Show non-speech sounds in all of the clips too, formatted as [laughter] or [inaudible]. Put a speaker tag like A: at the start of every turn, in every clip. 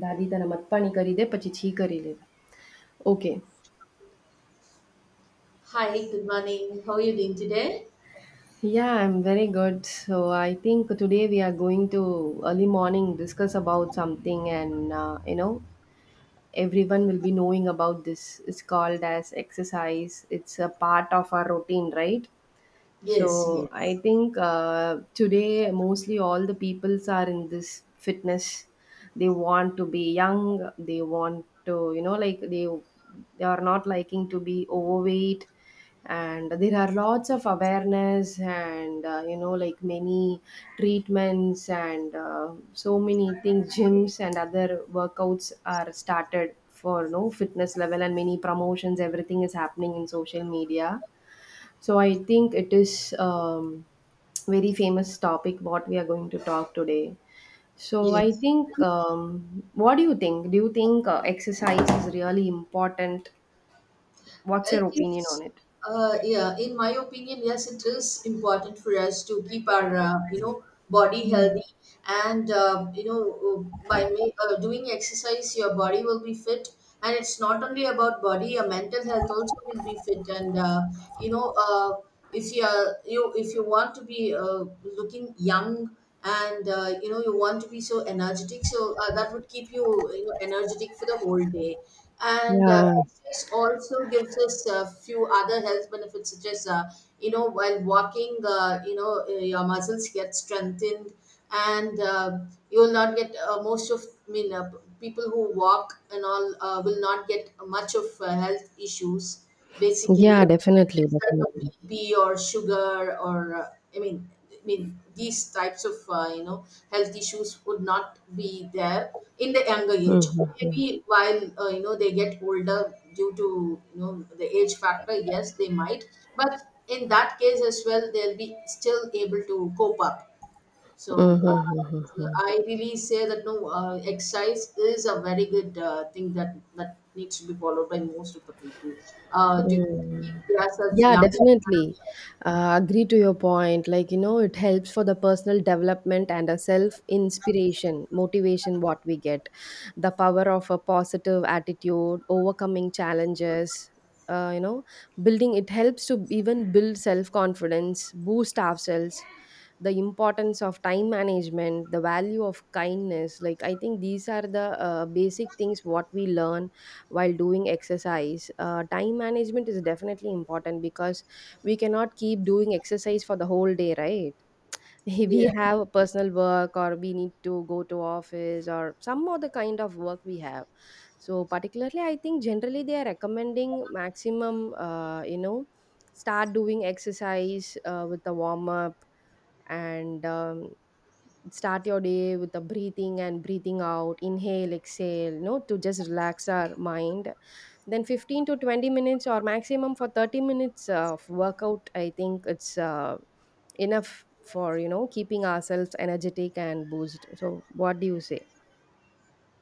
A: દાદી તને મતપાણી કરી દે પછી છી કરી લે. Okay.
B: Hi, good morning. How are you doing today?
A: Yeah, I'm very good. So I think today we are going to early morning discuss about something and you know everyone will be knowing about this. It's called as exercise. It's a part of our routine, right?
B: Yes,
A: So I
B: yes,
A: think today mostly all the peoples are in this fitness. They want to be young. They want to, you know, like they are not liking to be overweight. And there are lots of awareness and you know, like many treatments and so many things. Gyms and other workouts are started for no fitness level and many promotions. Everything is happening in social media, so I think it is very famous topic what we are going to talk today. So I
B: yes.
A: think what do you think? Do you think exercise is really important? What's
B: It
A: your opinion on
B: is,
A: it?
B: yeah, in my opinion, yes, it is important for us to keep our, you know, body
A: Mm.
B: healthy. And, you know, by doing exercise, your body will be fit. And it's not only about body, your mental health also will be fit. And, you know, uh, if you, are, you if you want to be looking young and you know you want to be so energetic so that would keep you, you know, energetic for the whole day. And
A: Yeah,
B: exercise also gives us a few other health benefits such as you know, while walking, your muscles get strengthened. And you will not get most of, people who walk and all will not get much of health issues basically,
A: yeah, definitely,
B: like a B
A: definitely.
B: P or sugar, or these types of you know health issues would not be there in the younger age.
A: Mm-hmm.
B: Maybe while you know they get older due to, you know, the age factor, yes, they might. But in that case as well, they'll be still able to cope up. So
A: Mm-hmm.
B: I really say that no, exercise is a very good thing that needs to be followed by most of the people, to keep themselves
A: Yeah,
B: young.
A: definitely. Agree to your point. Like, you know, it helps for the personal development and a self inspiration, motivation, what we get. The power of a positive attitude, overcoming challenges, uh, you know, building it helps to even build self confidence, boost ourselves, the importance of time management, the value of kindness. Like, I think these are the basic things what we learn while doing exercise. Time management is definitely important because we cannot keep doing exercise for the whole day, right? [laughs] We
B: Yeah,
A: have personal work or we need to go to office or some other kind of work we have. So particularly I think generally they are recommending maximum, start doing exercise with the warm up and start your day with the breathing and breathing out, inhale exhale, you know, to just relax our mind. Then 15 to 20 minutes or maximum for 30 minutes of workout, I think it's enough for, you know, keeping ourselves energetic and boost. So what do you say?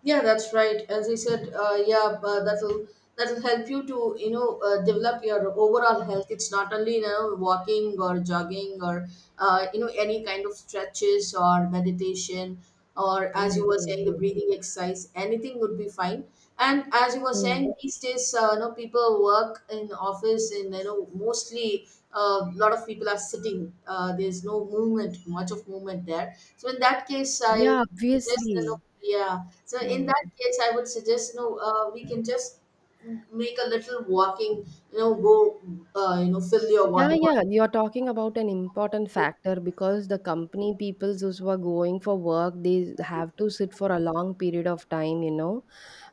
B: yeah, that's right. As I said, that'll help you to, you know, develop your overall health. It's not only, you know, walking or jogging, or you know, any kind of stretches or meditation, or as
A: Mm,
B: you were
A: mm,
B: saying, the
A: mm,
B: breathing exercise. Anything would be fine. And as you were
A: mm.
B: saying, these days, you know, people work in office, and you know, mostly a lot of people are sitting. There's no movement, much of movement there. So in that case, I
A: Yeah,
B: suggest, you know,
A: obviously.
B: yeah. So in
A: Mm.
B: that case, I would suggest, you know, we can just make a little walking. You know, go, you know, fill your
A: Yeah,
B: water bottle.
A: yeah. You're talking about an important factor because the company people those who are going for work, they have to sit for a long period of time, you know.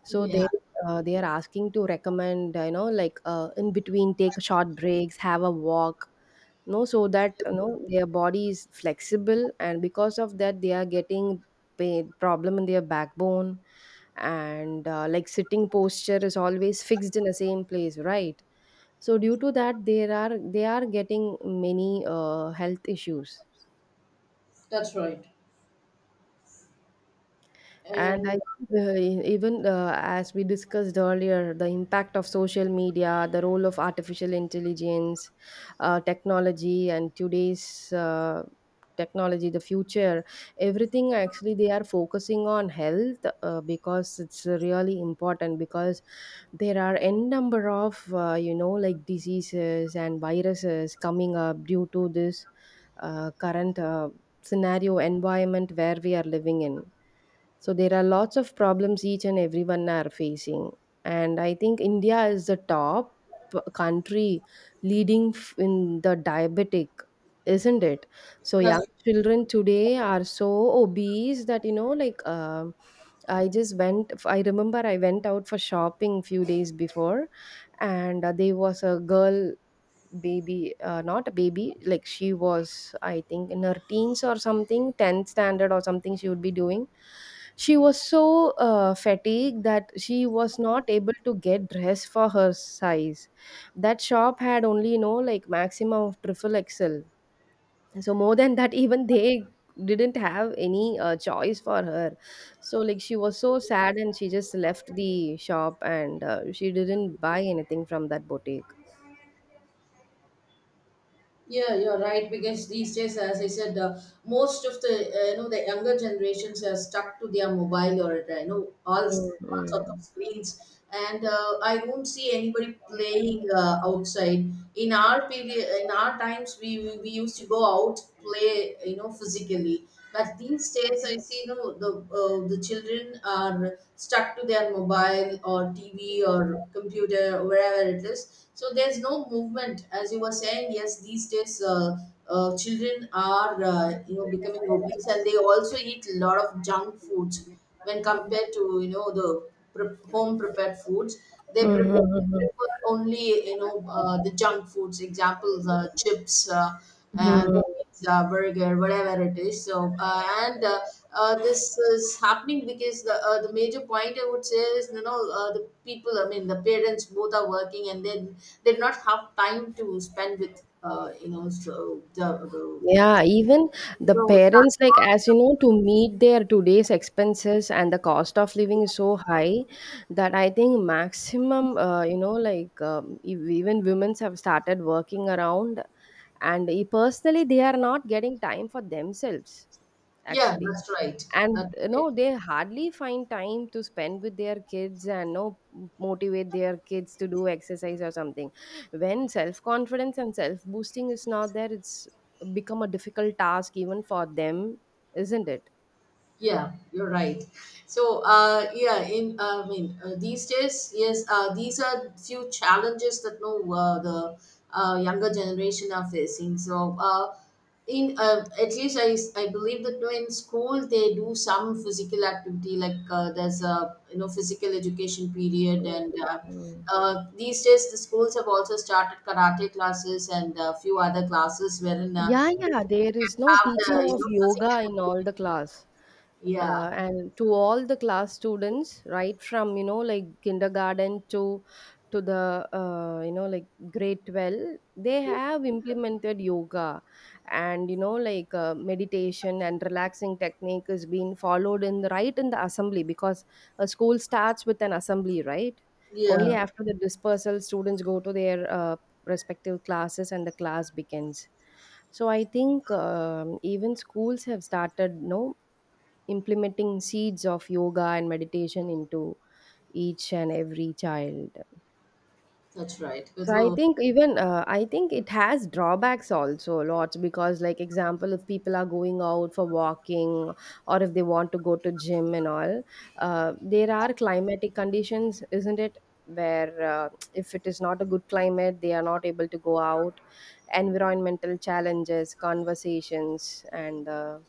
A: So
B: Yeah,
A: they are asking to recommend, you know, like in between, take short breaks, have a walk, no, so that you know their body is flexible. And because of that they are getting pain problem in their backbone and like sitting posture is always fixed in the same place, right? So due to that there are they are getting many health issues.
B: that's right.
A: And
B: And
A: I even as we discussed earlier, the impact of social media, the role of artificial intelligence, technology, and today's technology, the future, everything actually they are focusing on health because it's really important, because there are n number of you know, like diseases and viruses coming up due to this current scenario environment where we are living in. So there are lots of problems each and everyone are facing, and I think India is the top country leading in the diabetic, isn't it? So young
B: that's
A: children today are so obese that, you know, like I just went. I remember I went out for shopping few days before, and there was a girl baby, not a baby, like she was, I think, in her teens or something, 10th standard or something she would be doing. She was so fatigued that she was not able to get dress for her size. That shop had only, you know, like maximum of triple xl, so more than that [laughs] even they didn't have any choice for her. So like she was so sad and she just left the shop, and she didn't buy anything from that boutique.
B: Yeah, you're right, because these days, as I said, most of the you know, the younger generations are stuck to their mobile, or you know, all
A: Mm.
B: all sorts of
A: Mm.
B: screens, and I won't see anybody playing outside. In our period, in our times, we used to go out play, you know, physically. But these days, I see, you know, the children are stuck to their mobile, or TV, or computer, wherever it is. So there's no movement, as you were saying. Yes, these days, children are you know, becoming obese, and they also eat a lot of junk foods when compared to, you know, the home prepared foods. They
A: Hmm, hmm,
B: prepare
A: hmm,
B: prefer only, you know, the junk foods, examples: chips, uh,
A: hmm,
B: and
A: hmm.
B: pizza, burger, whatever it is. So and this is happening because the, the major point I would say is, you know, the people, the parents both are working, and then they do not have time to spend with, you know, so the
A: Yeah, even the
B: so that's
A: parents, like, as you
B: also,
A: know, to meet their today's expenses and the cost of living is so high that I think maximum, even women's have started working around, and personally, they are not getting time for themselves
B: yeah,
A: actually.
B: that's right,
A: And
B: that's
A: you
B: right.
A: know they hardly find time to spend with their kids and no motivate their kids to do exercise or something. When self confidence and self boosting is not there, it's become a difficult task even for them, isn't it?
B: Yeah, you're right. So, these days, yes, these are few challenges that no, the younger generation are facing. So, in at least I believe that no, in school they do some physical activity, like there's a, you know, physical education period. And
A: Mm, mm.
B: these days the schools have also started karate classes and a few other classes, wherein
A: Yeah,
B: they
A: yeah, there
B: can
A: is no
B: have the,
A: teaching
B: you
A: of
B: know, physical
A: yoga in all the
B: activity.
A: class.
B: Yeah.
A: And to all the class students, right from, you know, like kindergarten to the you know, like grade 12, they
B: Yeah,
A: have implemented yoga, and you know, like meditation and relaxing technique is being followed in the right in the assembly because a school starts with an assembly, right? Only
B: yeah,
A: after the dispersal students go to their respective classes and the class begins. So I think even schools have started, you know, implementing seeds of yoga and meditation into each and every child.
B: that's right.
A: So I
B: So,
A: think even I think it has drawbacks also a lot, because like example if people are going out for walking or if they want to go to gym and all, there are climatic conditions, isn't it, where if it is not a good climate they are not able to go out. Environmental challenges, conversations, and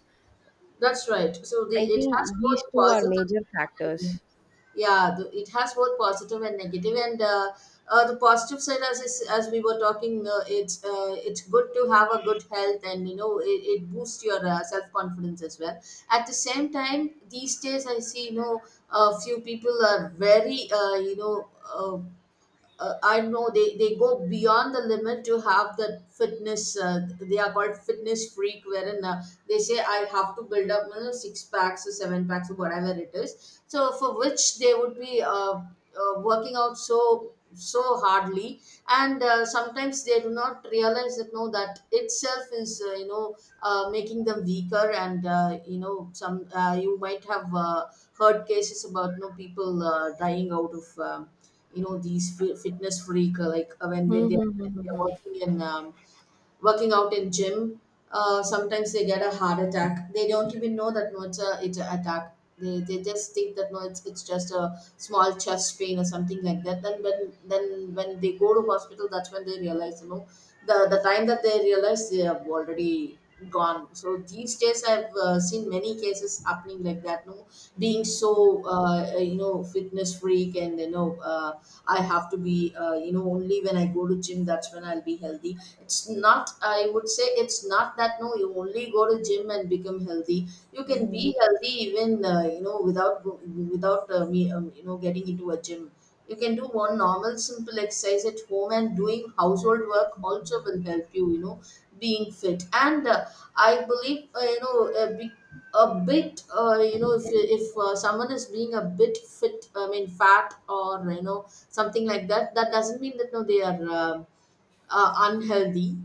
B: that's right. So the,
A: I
B: it
A: think
B: has
A: these
B: both
A: two are
B: positive
A: major
B: and
A: factors.
B: yeah, it has both positive and negative. And the positive side, as we were talking, it's good to have a good health, and you know, it boosts your self confidence as well. At the same time, these days I see, you know, a few people are very, I know they go beyond the limit to have that fitness. They are called fitness freak, wherein they say, I have to build up, you know, six packs or seven packs, or whatever it is. So for which they would be, working out so so hardly, and sometimes they do not realize that no, that itself is, you know, making them weaker. And you know, some you might have heard cases about no, people dying out of you know, these fitness freak, like uh, when
A: Hmm,
B: when
A: hmm, hmm,
B: they are
A: hmm,
B: working in, working out in gym. Uh, sometimes they get a heart attack, they don't even know that no, it's an attack. They just think that no, it's just a small chest pain or something like that. Then when they go to hospital, that's when they realize, you know, the time that they realize, they have already gone. So these days I've seen many cases happening like that, no, being so, you know, fitness freak, and you know, I have to be, you know, only when I go to gym, that's when I'll be healthy. It's not, I would say it's not that no, you only go to gym and become healthy. You can be
A: hmm.
B: healthy even, you know, without go- without me you know, getting into a gym. You can do one normal, simple exercise at home, and doing household work also will help you, you know, being fit. And I believe, you know, a big a bit, you know, if someone is being a bit fit, fat, or you know, something like that, that doesn't mean that no, they are, unhealthy.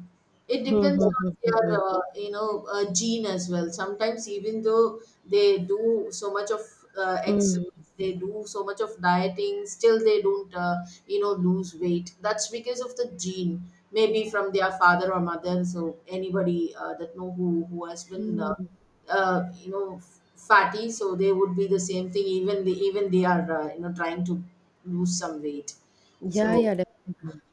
B: It
A: Hmm,
B: depends
A: hmm,
B: on
A: hmm, hmm, hmm.
B: their, gene as well. Sometimes, even though they do so much of exercise, they do so much of dieting, still they don't, you know, lose weight. That's because of the gene. Maybe from their father or mother. So anybody that know who has been,
A: Hmm, hmm.
B: you know, fatty, so they would be the same thing. Even they are, you know, trying to lose some weight.
A: Yeah,
B: So
A: yeah, definitely. [laughs]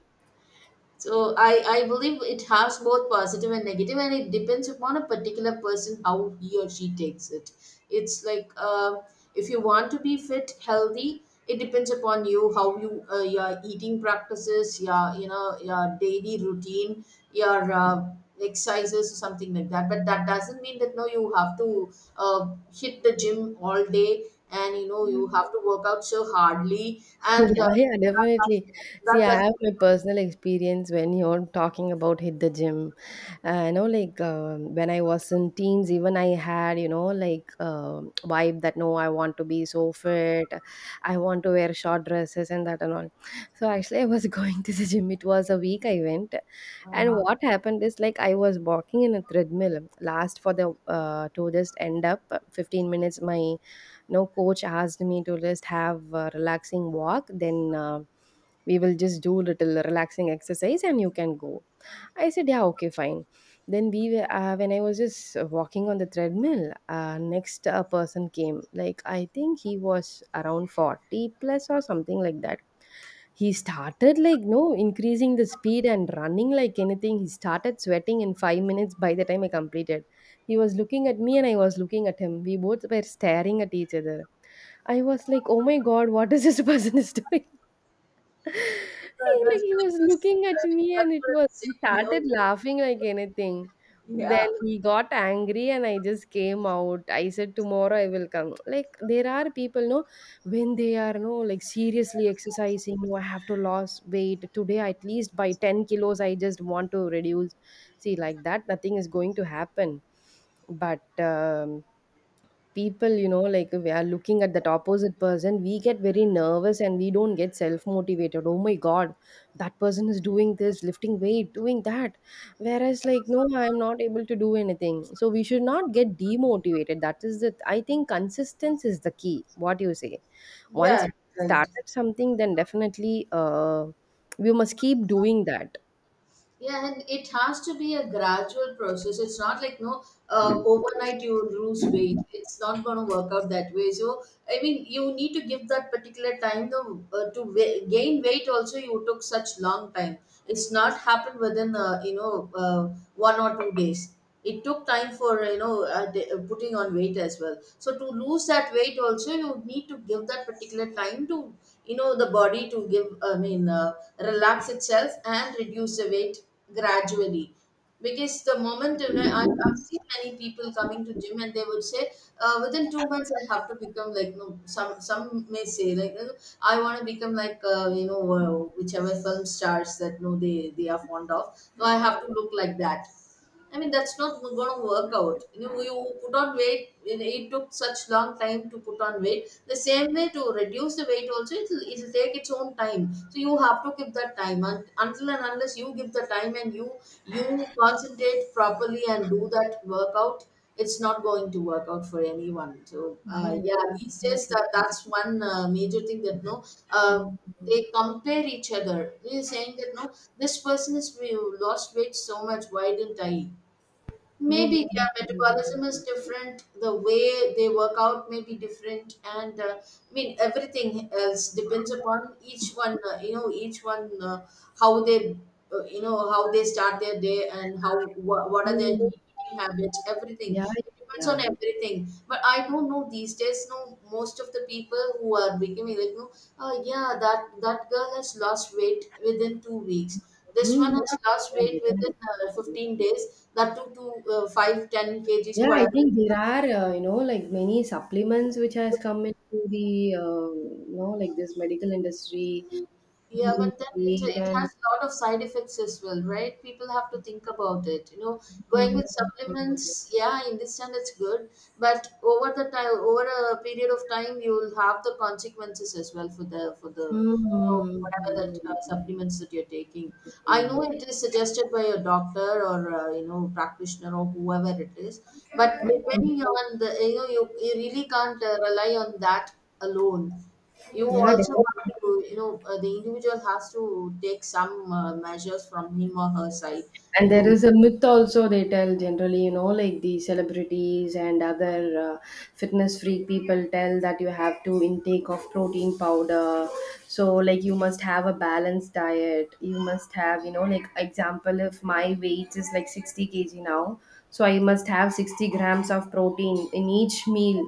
B: I believe it has both positive and negative, and it depends upon a particular person how he or she takes it. It's like, if you want to be fit, healthy, it depends upon you how you, your eating practices, you know, your daily routine, your exercises or something like that. But that doesn't mean that no, you have to hit the gym all day, and you know you have to work out so hardly, and
A: Yeah, yeah,
B: that doesn't.
A: definitely. See,
B: That
A: I
B: doesn't,
A: have my personal experience when you're talking about hit the gym. You know, like when I was in teens, even I had, you know, like vibe that no, I want to be so fit. I want to wear short dresses and that and all. So actually, I was [laughs] going to the gym. It was a week I went, and
B: uh-huh.
A: what happened is like I was walking in a treadmill. Last for the to just end up 15 minutes. My no coach asked me to just have a relaxing walk, then we will just do little relaxing exercise and you can go. I said yeah, okay, fine. Then we were when I was just walking on the treadmill, next a person came, like I think he was around 40 plus or something like that. He started like no increasing the speed and running like anything. He started sweating in 5 minutes by the time I completed. He was looking at me and I was looking at him. We both were staring at each other. I was like, oh my god, what is this [laughs] person is doing? He,
B: Uh,
A: like,
B: that's,
A: he was looking at
B: that's
A: me
B: what
A: and it
B: I'm
A: was he
B: saying. You
A: started
B: know,
A: laughing like anything. Then
B: yeah,
A: he got angry and I just came out. I said, tomorrow I will come. Like, there are people, no, when they are, no, like seriously exercising, no, I have to lose weight today, at least by 10 kilos, I just want to reduce. See, like that, nothing is going to happen. But people, you know, like we are looking at that opposite person, we get very nervous and we don't get self motivated. Oh my god, that person is doing this, lifting weight, doing that, whereas like no I'm not able to do anything. So we should not get demotivated. That is the, I think, consistency is the key. What do you say?
B: yeah,
A: Once we
B: right.
A: started something, then definitely we must keep doing that.
B: Yeah, and it has to be a gradual process. It's not like no, overnight you lose weight. It's not going to work out that way. So I mean, you need to give that particular time, though, gain weight also. You took such long time. It's not happened within 1 or 2 days. It took time for, you know, putting on weight as well. So to lose that weight also, you need to give that particular time to, you know, the body to give, relax itself and reduce the weight gradually. Because the moment, you know, I've seen many people coming to gym, and they would say, within 2 months I have to become, like no, some may say, like, you know, I want to become like, whichever film stars that no, they are fond of. So I have to look like that. I mean, that's not going to work out. You know, you put on weight, it took such long time to put on weight. The same way, to reduce the weight also, it'll take its own time. So you have to give that time. And until and unless you give the time, and you concentrate properly and do that workout, it's not going to work out for anyone. So
A: Mm,
B: yeah,
A: yeah,
B: these days
A: definitely.
B: that's one major thing that no, uh, they compare each other. They're saying that no, this person has lost weight so much. Why didn't I?
A: Mm,
B: Maybe
A: mm,
B: their
A: mm, mm,
B: metabolism is
A: mm.
B: different, the way they work out may be different. And I mean, everything else depends upon each one, how they how they start their day and how what are their
A: Mm,
B: needs, eating habits, everything.
A: yeah,
B: It depends on
A: yeah.
B: everything. But I don't know these days. No, most of the people who are becoming like, no, oh yeah, that girl has lost weight within 2 weeks. This one
A: Mhm.
B: has lost
A: Yeah,
B: weight within
A: definitely.
B: 15 days. That took to 5, 10 kgs,
A: Yeah, I
B: whatever.
A: think there are, like many supplements which has come into the, like this medical industry
B: Yeah,
A: using
B: but then it,
A: weight
B: it
A: and.
B: has a lot of side effects as well, right? People have to think about it.
A: [laughs]
B: Going
A: Mhm.
B: with supplements, yeah, in this understand it's good, but over the time, over a period of time, you will have the consequences as well for the
A: Mhm.
B: whatever that
A: Mhm.
B: supplements that you're taking. I know it is suggested by a doctor or practitioner or whoever it is, but
A: Mhm.
B: depending on the, you know, you really can't rely on that alone. You
A: Yeah,
B: also have
A: definitely.
B: to, you know, the individual has to take some measures from him or her side
A: And there
B: to.
A: is a myth also they tell generally, you know, like the celebrities and other fitness freak people tell that you have to intake of protein powder. So like you must have a balanced diet. You must have, you know, like example, if my weight is like 60 kg now, so I must have 60 grams of protein in each meal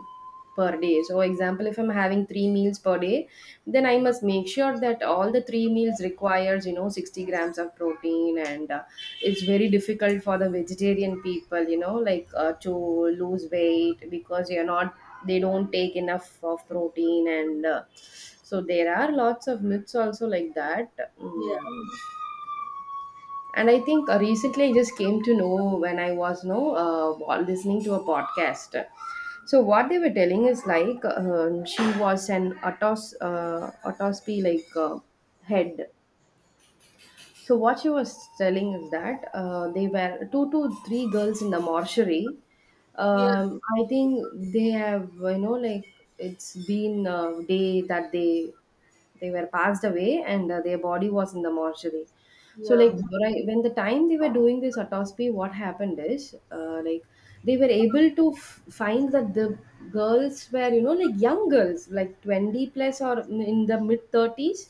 A: per day. So example, if I'm having three meals per day, then I must make sure that all the three meals requires, you know, 60 grams of protein, and it's very difficult for the vegetarian people, you know, like to lose weight because you're not, they don't take enough of protein, and so there are lots of myths also like that.
B: Yeah,
A: Mm. And I think recently I just came to know when I was no while listening to a podcast. So what they were telling is like she was an autos autopsy head. So what she was telling is that they were two to three girls in the mortuary.
B: yeah,
A: I think they have, you know, like it's been a day that they were passed away, and their body was in the mortuary. So like
B: yeah,
A: when the time they were doing this autopsy, what happened is they were able to find that the girls were, you know, like young girls, like 20 plus or in the mid 30s.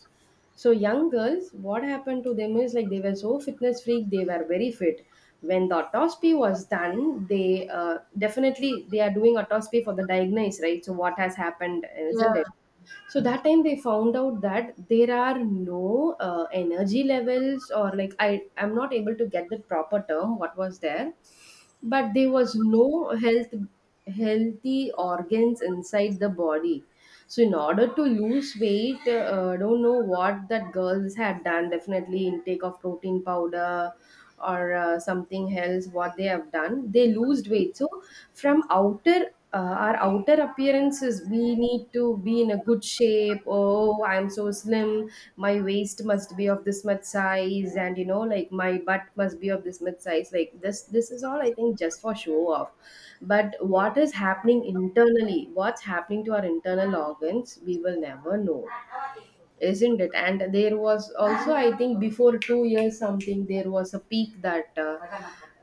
A: So young girls, what happened to them is like they were so fitness freak, they were very fit. When the autopsy was done, they definitely, they are doing autopsy for the diagnosis, right? So what has happened,
B: yeah,
A: isn't it? So that time they found out that there are no energy levels, or like I'm not able to get the proper term. What was there? But there was no healthy organs inside the body. So in order to lose weight, I don't know what that girls had done, definitely intake of protein powder or something else, what they have done they lost weight. So from outer our outer appearances, we need to be in a good shape. Oh, I'm so slim, my waist must be of this much size, and you know like my butt must be of this much size, like this. This is all I think just for show off. But what is happening internally, what's happening to our internal organs, we will never know, isn't it? And there was also, I think, before 2 years something, there was a peak that uh,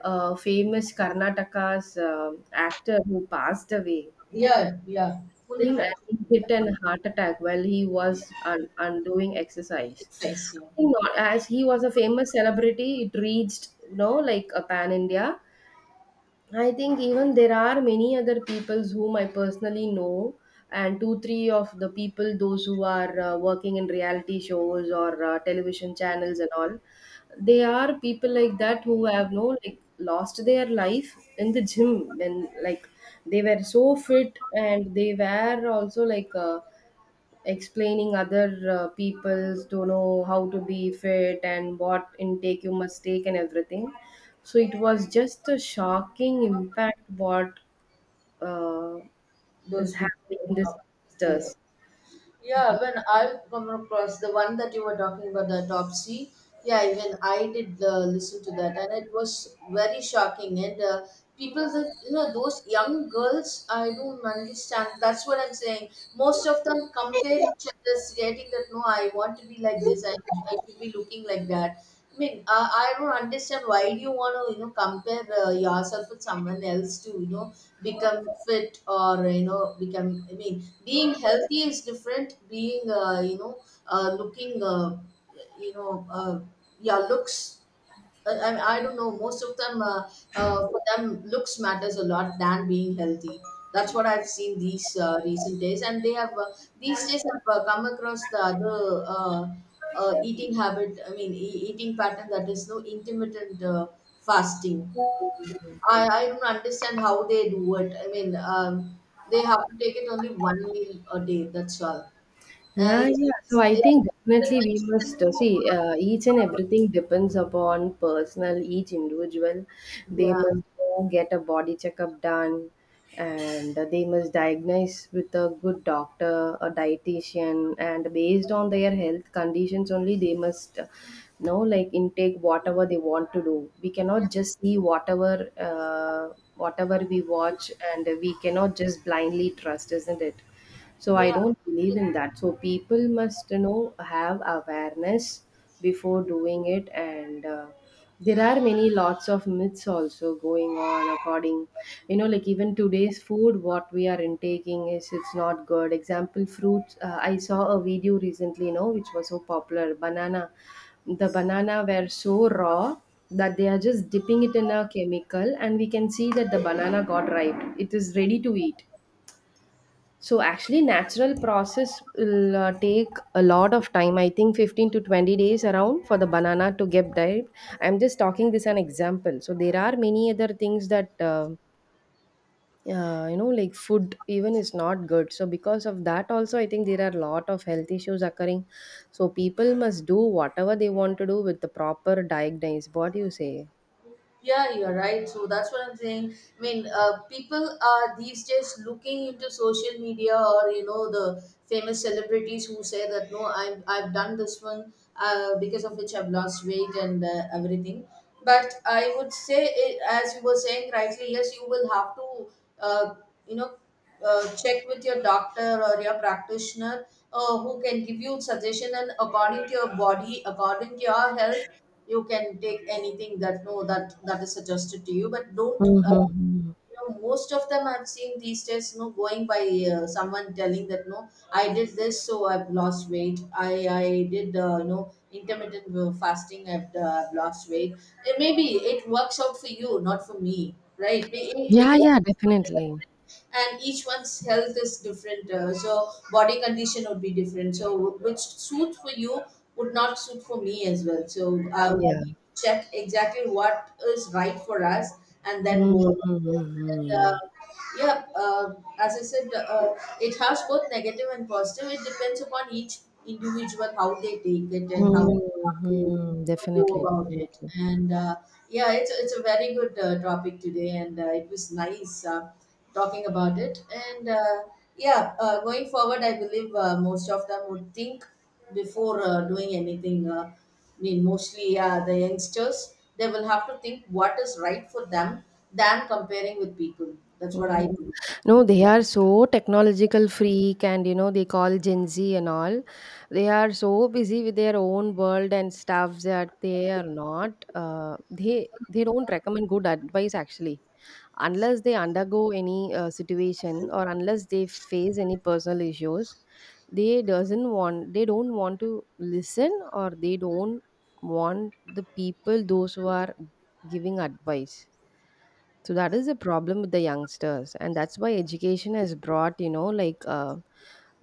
A: uh, famous Karnataka's actor who passed away
B: yeah, yeah, fully
A: him, and
B: right.
A: he
B: Yeah,
A: hit an heart attack while he was undoing exercise.
B: exercise,
A: I
B: yeah.
A: think not, as he was a famous celebrity, it reached, you know, like a pan India. I think even there are many other peoples whom I personally know, and two, three of the people, those who are working in reality shows or television channels and all, they are people like that who have no like lost their life in the gym when like they were so fit, and they were also explaining other people's don't know how to be fit and what intake you must take and everything. So it was just a shocking impact what uh, is
B: Those people,
A: happening in
B: uh,
A: this
B: yeah.
A: youngsters.
B: Yeah, when I come across the one that you were talking about, the autopsy, yeah, even I did listen to that, and it was very shocking. And people that, you know, those young girls, I don't understand. That's what I'm saying. Most of them compare each other, stating that no, I want to be like this, I should be looking like that. I mean, I don't understand why do you want to, you know, compare yourself with someone else to, you know, become fit, or, you know, become, I mean, being healthy is different, being looking, you know uh, yeah, looks. I don't know. Most of them, for them, looks matters a lot than being healthy. That's what I've seen these recent days, and they have these days have come across the other eating habit. I mean, eating pattern that is no intermittent fasting. I don't understand how they do it. I mean, they have to take it only one meal a day. That's all.
A: Yeah,
B: And
A: yeah. So I think definitely we must see each and everything depends upon personal, each individual. They must
B: it's
A: go get a body checkup done, and they must diagnose with a good doctor, a dietitian, and based on their health conditions only, they must know like intake whatever they want to do. We
B: yeah.
A: cannot just see whatever we watch, and we cannot just blindly trust, isn't it? So I
B: Yeah.
A: don't believe in that. So people must, you know, have awareness before doing it, and there are many lots of myths also going on. According, you know, like even today's food what we are intaking, is it's not good. Example, fruits, I saw a video recently, you know, which was so popular, banana. The banana were so raw that they are just dipping it in a chemical, and we can see that the banana got ripe, it is ready to eat. So actually, natural process will take a lot of time. I think 15 to 20 days around for the banana to get ripe. I'm just talking this an example. So there are many other things that. You know, like food even is not good, so because of that also I think there are a lot of health issues occurring. So people must do whatever they want to do with the proper diagnosis. What do you say?
B: Yeah, you're right. So that's what I'm saying. I mean, people are these days looking into social media or, you know, the famous celebrities who say that no, I've done this one because of which I've lost weight and everything. But I would say, it, as you were saying rightly, yes, you will have to uh, you know check with your doctor or your practitioner, who can give you suggestion, and according to your body, according to your health, you can take anything that no, that is suggested to you, but don't
A: Mm-hmm.
B: you know, most of them I've seen these days, no, going by someone telling that no, I did this so I've lost weight. I i did intermittent fasting. I've lost weight. Eh, maybe it works out for you, not for me, right?
A: Yeah,
B: Because
A: yeah, definitely.
B: and each one's health is different, so body condition would be different, so which suits for you would not suit for me as well. So
A: Yeah,
B: we
A: yeah.
B: need to check exactly what is right for us and then go. And,
A: Mm-hmm.
B: yeah As I said, uh, it has both negative and positive. It depends upon each individual, how they take it and how they want to
A: Mhm.
B: go
A: Definitely,
B: about it.
A: definitely.
B: It's a very good topic today, and it was nice talking about it. Going forward, I believe most of them would think before doing anything. I mean, mostly the youngsters, they will have to think what is right for them than comparing with people. That's what I
A: Mhm.
B: think.
A: No, they are so technological freak, and you know they call Gen Z and all. They are so busy with their own world and stuff that they are not they don't recommend good advice actually, unless they undergo any situation, or unless they face any personal issues. They doesn't want they don't want to listen, or they don't want the people those who are giving advice. So that is the problem with the youngsters, and that's why education has brought, you know, like uh,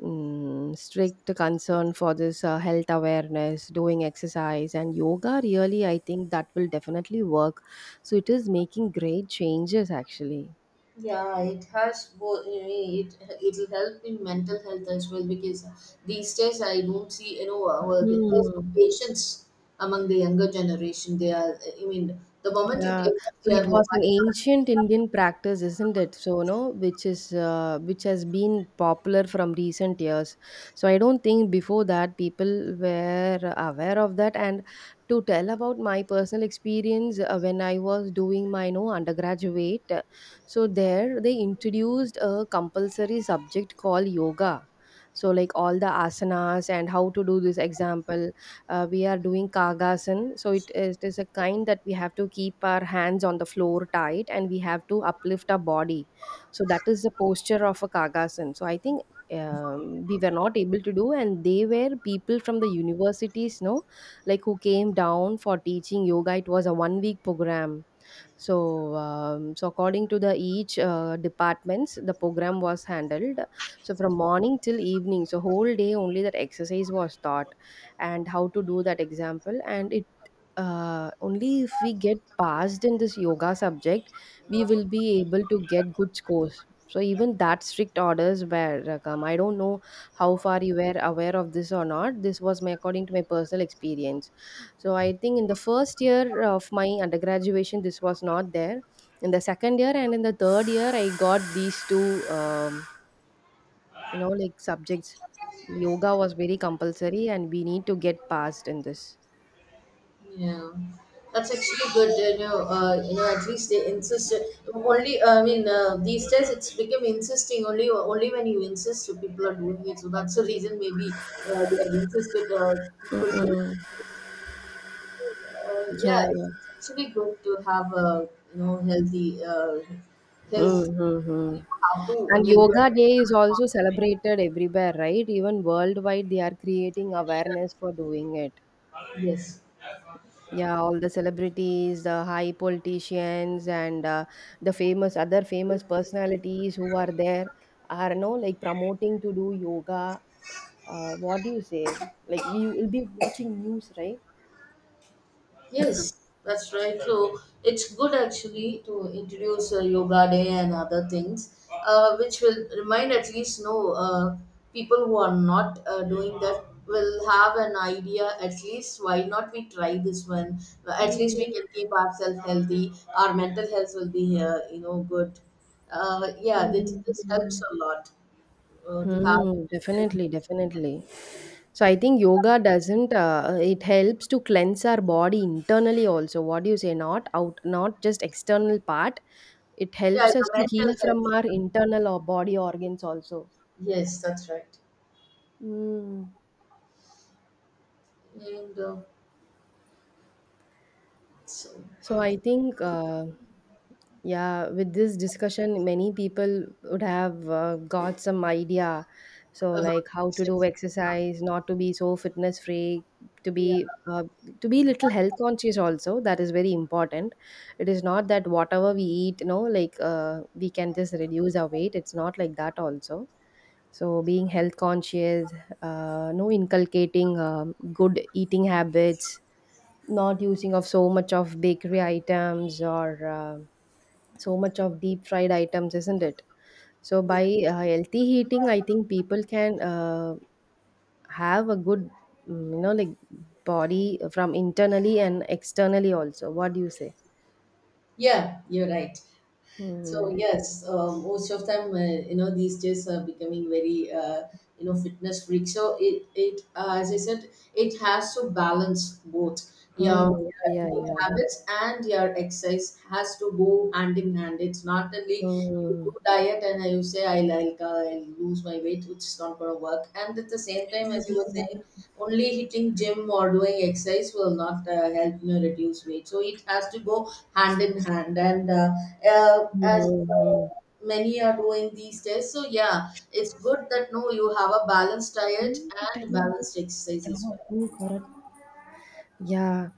A: mm, strict concern for this health awareness, doing exercise and yoga. Really, I think that will definitely work. So it is making great changes actually.
B: Yeah, it has both. I mean, it'll help in mental health as well, because these days I don't see, you know, well, there's no
A: Hmm.
B: patience among the younger generation. They are. I mean, the moment you
A: Yeah,
B: take off
A: so
B: their
A: it was
B: mobile,
A: an ancient Indian practice, isn't it? So, no, which is which has been popular from recent years. So, I don't think before that people were aware of that. And to tell about my personal experience, when I was doing my no undergraduate, so there they introduced a compulsory subject called yoga. So, like all the asanas and how to do this example, we are doing kagasan, so it is a kind that we have to keep our hands on the floor tight, and we have to uplift our body. So that is the posture of a kagasan. So I think, we were not able to do, and they were people from the universities, no like who came down for teaching yoga. It was a 1 week program. So, so according to the each departments, the program was handled. So from morning till evening, so whole day only that exercise was taught, and how to do that example. And it only if we get passed in this yoga subject, we will be able to get good scores. So even that strict orders were come. I don't know how far you were aware of this or not. This was my according to my personal experience. So I think in the first year of my undergraduation, this was not there. In the second year and in the third year, I got these two, you know, like subjects. Yoga was very compulsory, and we need to get past in this.
B: yeah, that's actually good. You know, at least they insist. Only, I mean, these days it's become insisting. Only when you insist, people are doing it. So that's the reason maybe they have insisted people to.
A: Mm-mm.
B: Uh, yeah,
A: Yeah, yeah.
B: it's it's actually good to have a, you know, healthy health.
A: Mm-hmm.
B: You have to. I
A: And
B: mean, you
A: Yoga
B: have to
A: Day is also
B: concentrate.
A: celebrated everywhere, right? Even worldwide, they are creating awareness for doing it.
B: Yes.
A: Yeah, all the celebrities, the high politicians, and the famous other famous personalities who are there are no like promoting to do yoga. What do you say? Like we will be watching news, right?
B: Yes, that's right. So it's good actually to introduce yoga day and other things, which will remind at least no people who are not doing that will have an idea, at least why not we try this one. At least
A: Mm,
B: we can keep ourselves healthy. Our mental health will be you know good. Yeah, this,
A: mm,
B: this helps
A: mm.
B: a lot to have.
A: Hmm,
B: Mental
A: definitely,
B: health.
A: definitely. So I think yoga doesn't it helps to cleanse our body internally also. What do you say? Not out, not just external part. It
B: Yeah, yeah,
A: helps us to heal
B: mental
A: from
B: health.
A: our internal or body organs also.
B: Yes, that's right.
A: Hmm.
B: And so,
A: So I think, yeah, with this discussion, many people would have got some idea. So like
B: about
A: how
B: your
A: to do
B: sex.
A: exercise, not to be so fitness freak, to
B: Yeah,
A: be uh, to be little health conscious also. That is very important. It is not that whatever we eat, you know, like we can just reduce our weight. It's not like that also. So being health conscious, no inculcating good eating habits, not using of so much of bakery items or so much of deep fried items, isn't it? So
B: yeah,
A: by healthy eating, I think people can have a good, you know like body from internally and externally also. What do you say?
B: yeah, you're right. So,
A: Hmm.
B: yes, most of time, you know, these days are becoming very, you know, fitness freak. So, it as I said, it has to balance both your
A: Hmm. Yeah, yeah,
B: eating
A: yeah.
B: habits and your exercise has to go hand in hand. It's not only you do
A: Hmm.
B: diet and you say I'll lose my weight, which is not going to work. And at the same time, as you were saying, only hitting gym or doing exercise will not help me reduce weight. So it has to go hand in hand. And
A: Hmm,
B: as
A: hmm, hmm.
B: many are doing these days, so yeah, it's good that no, you have a balanced diet and balanced exercise as well.
A: Oh, correct. Yeah,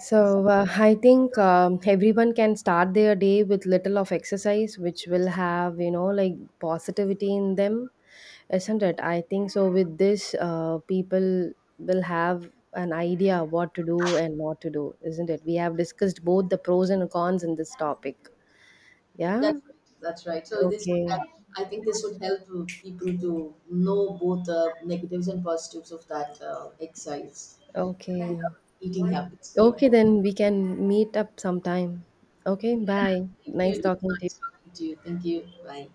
A: so I think everyone can start their day with little of exercise, which will have, you know, like positivity in them, isn't it? I think so. With this, people will have an idea what to do and not to do, isn't it? We have discussed both the pros and cons in this topic. Yeah.
B: That's right. That's right. So this,
A: Okay.
B: I think, this would help people to know both the negatives and positives of that exercise and
A: Okay.
B: eating habits. Yeah.
A: Okay, then we can meet up sometime. Okay,
B: Yeah.
A: bye.
B: Thank you.
A: Nice
B: It was
A: talking to you.
B: nice talking to you. Thank you. Bye.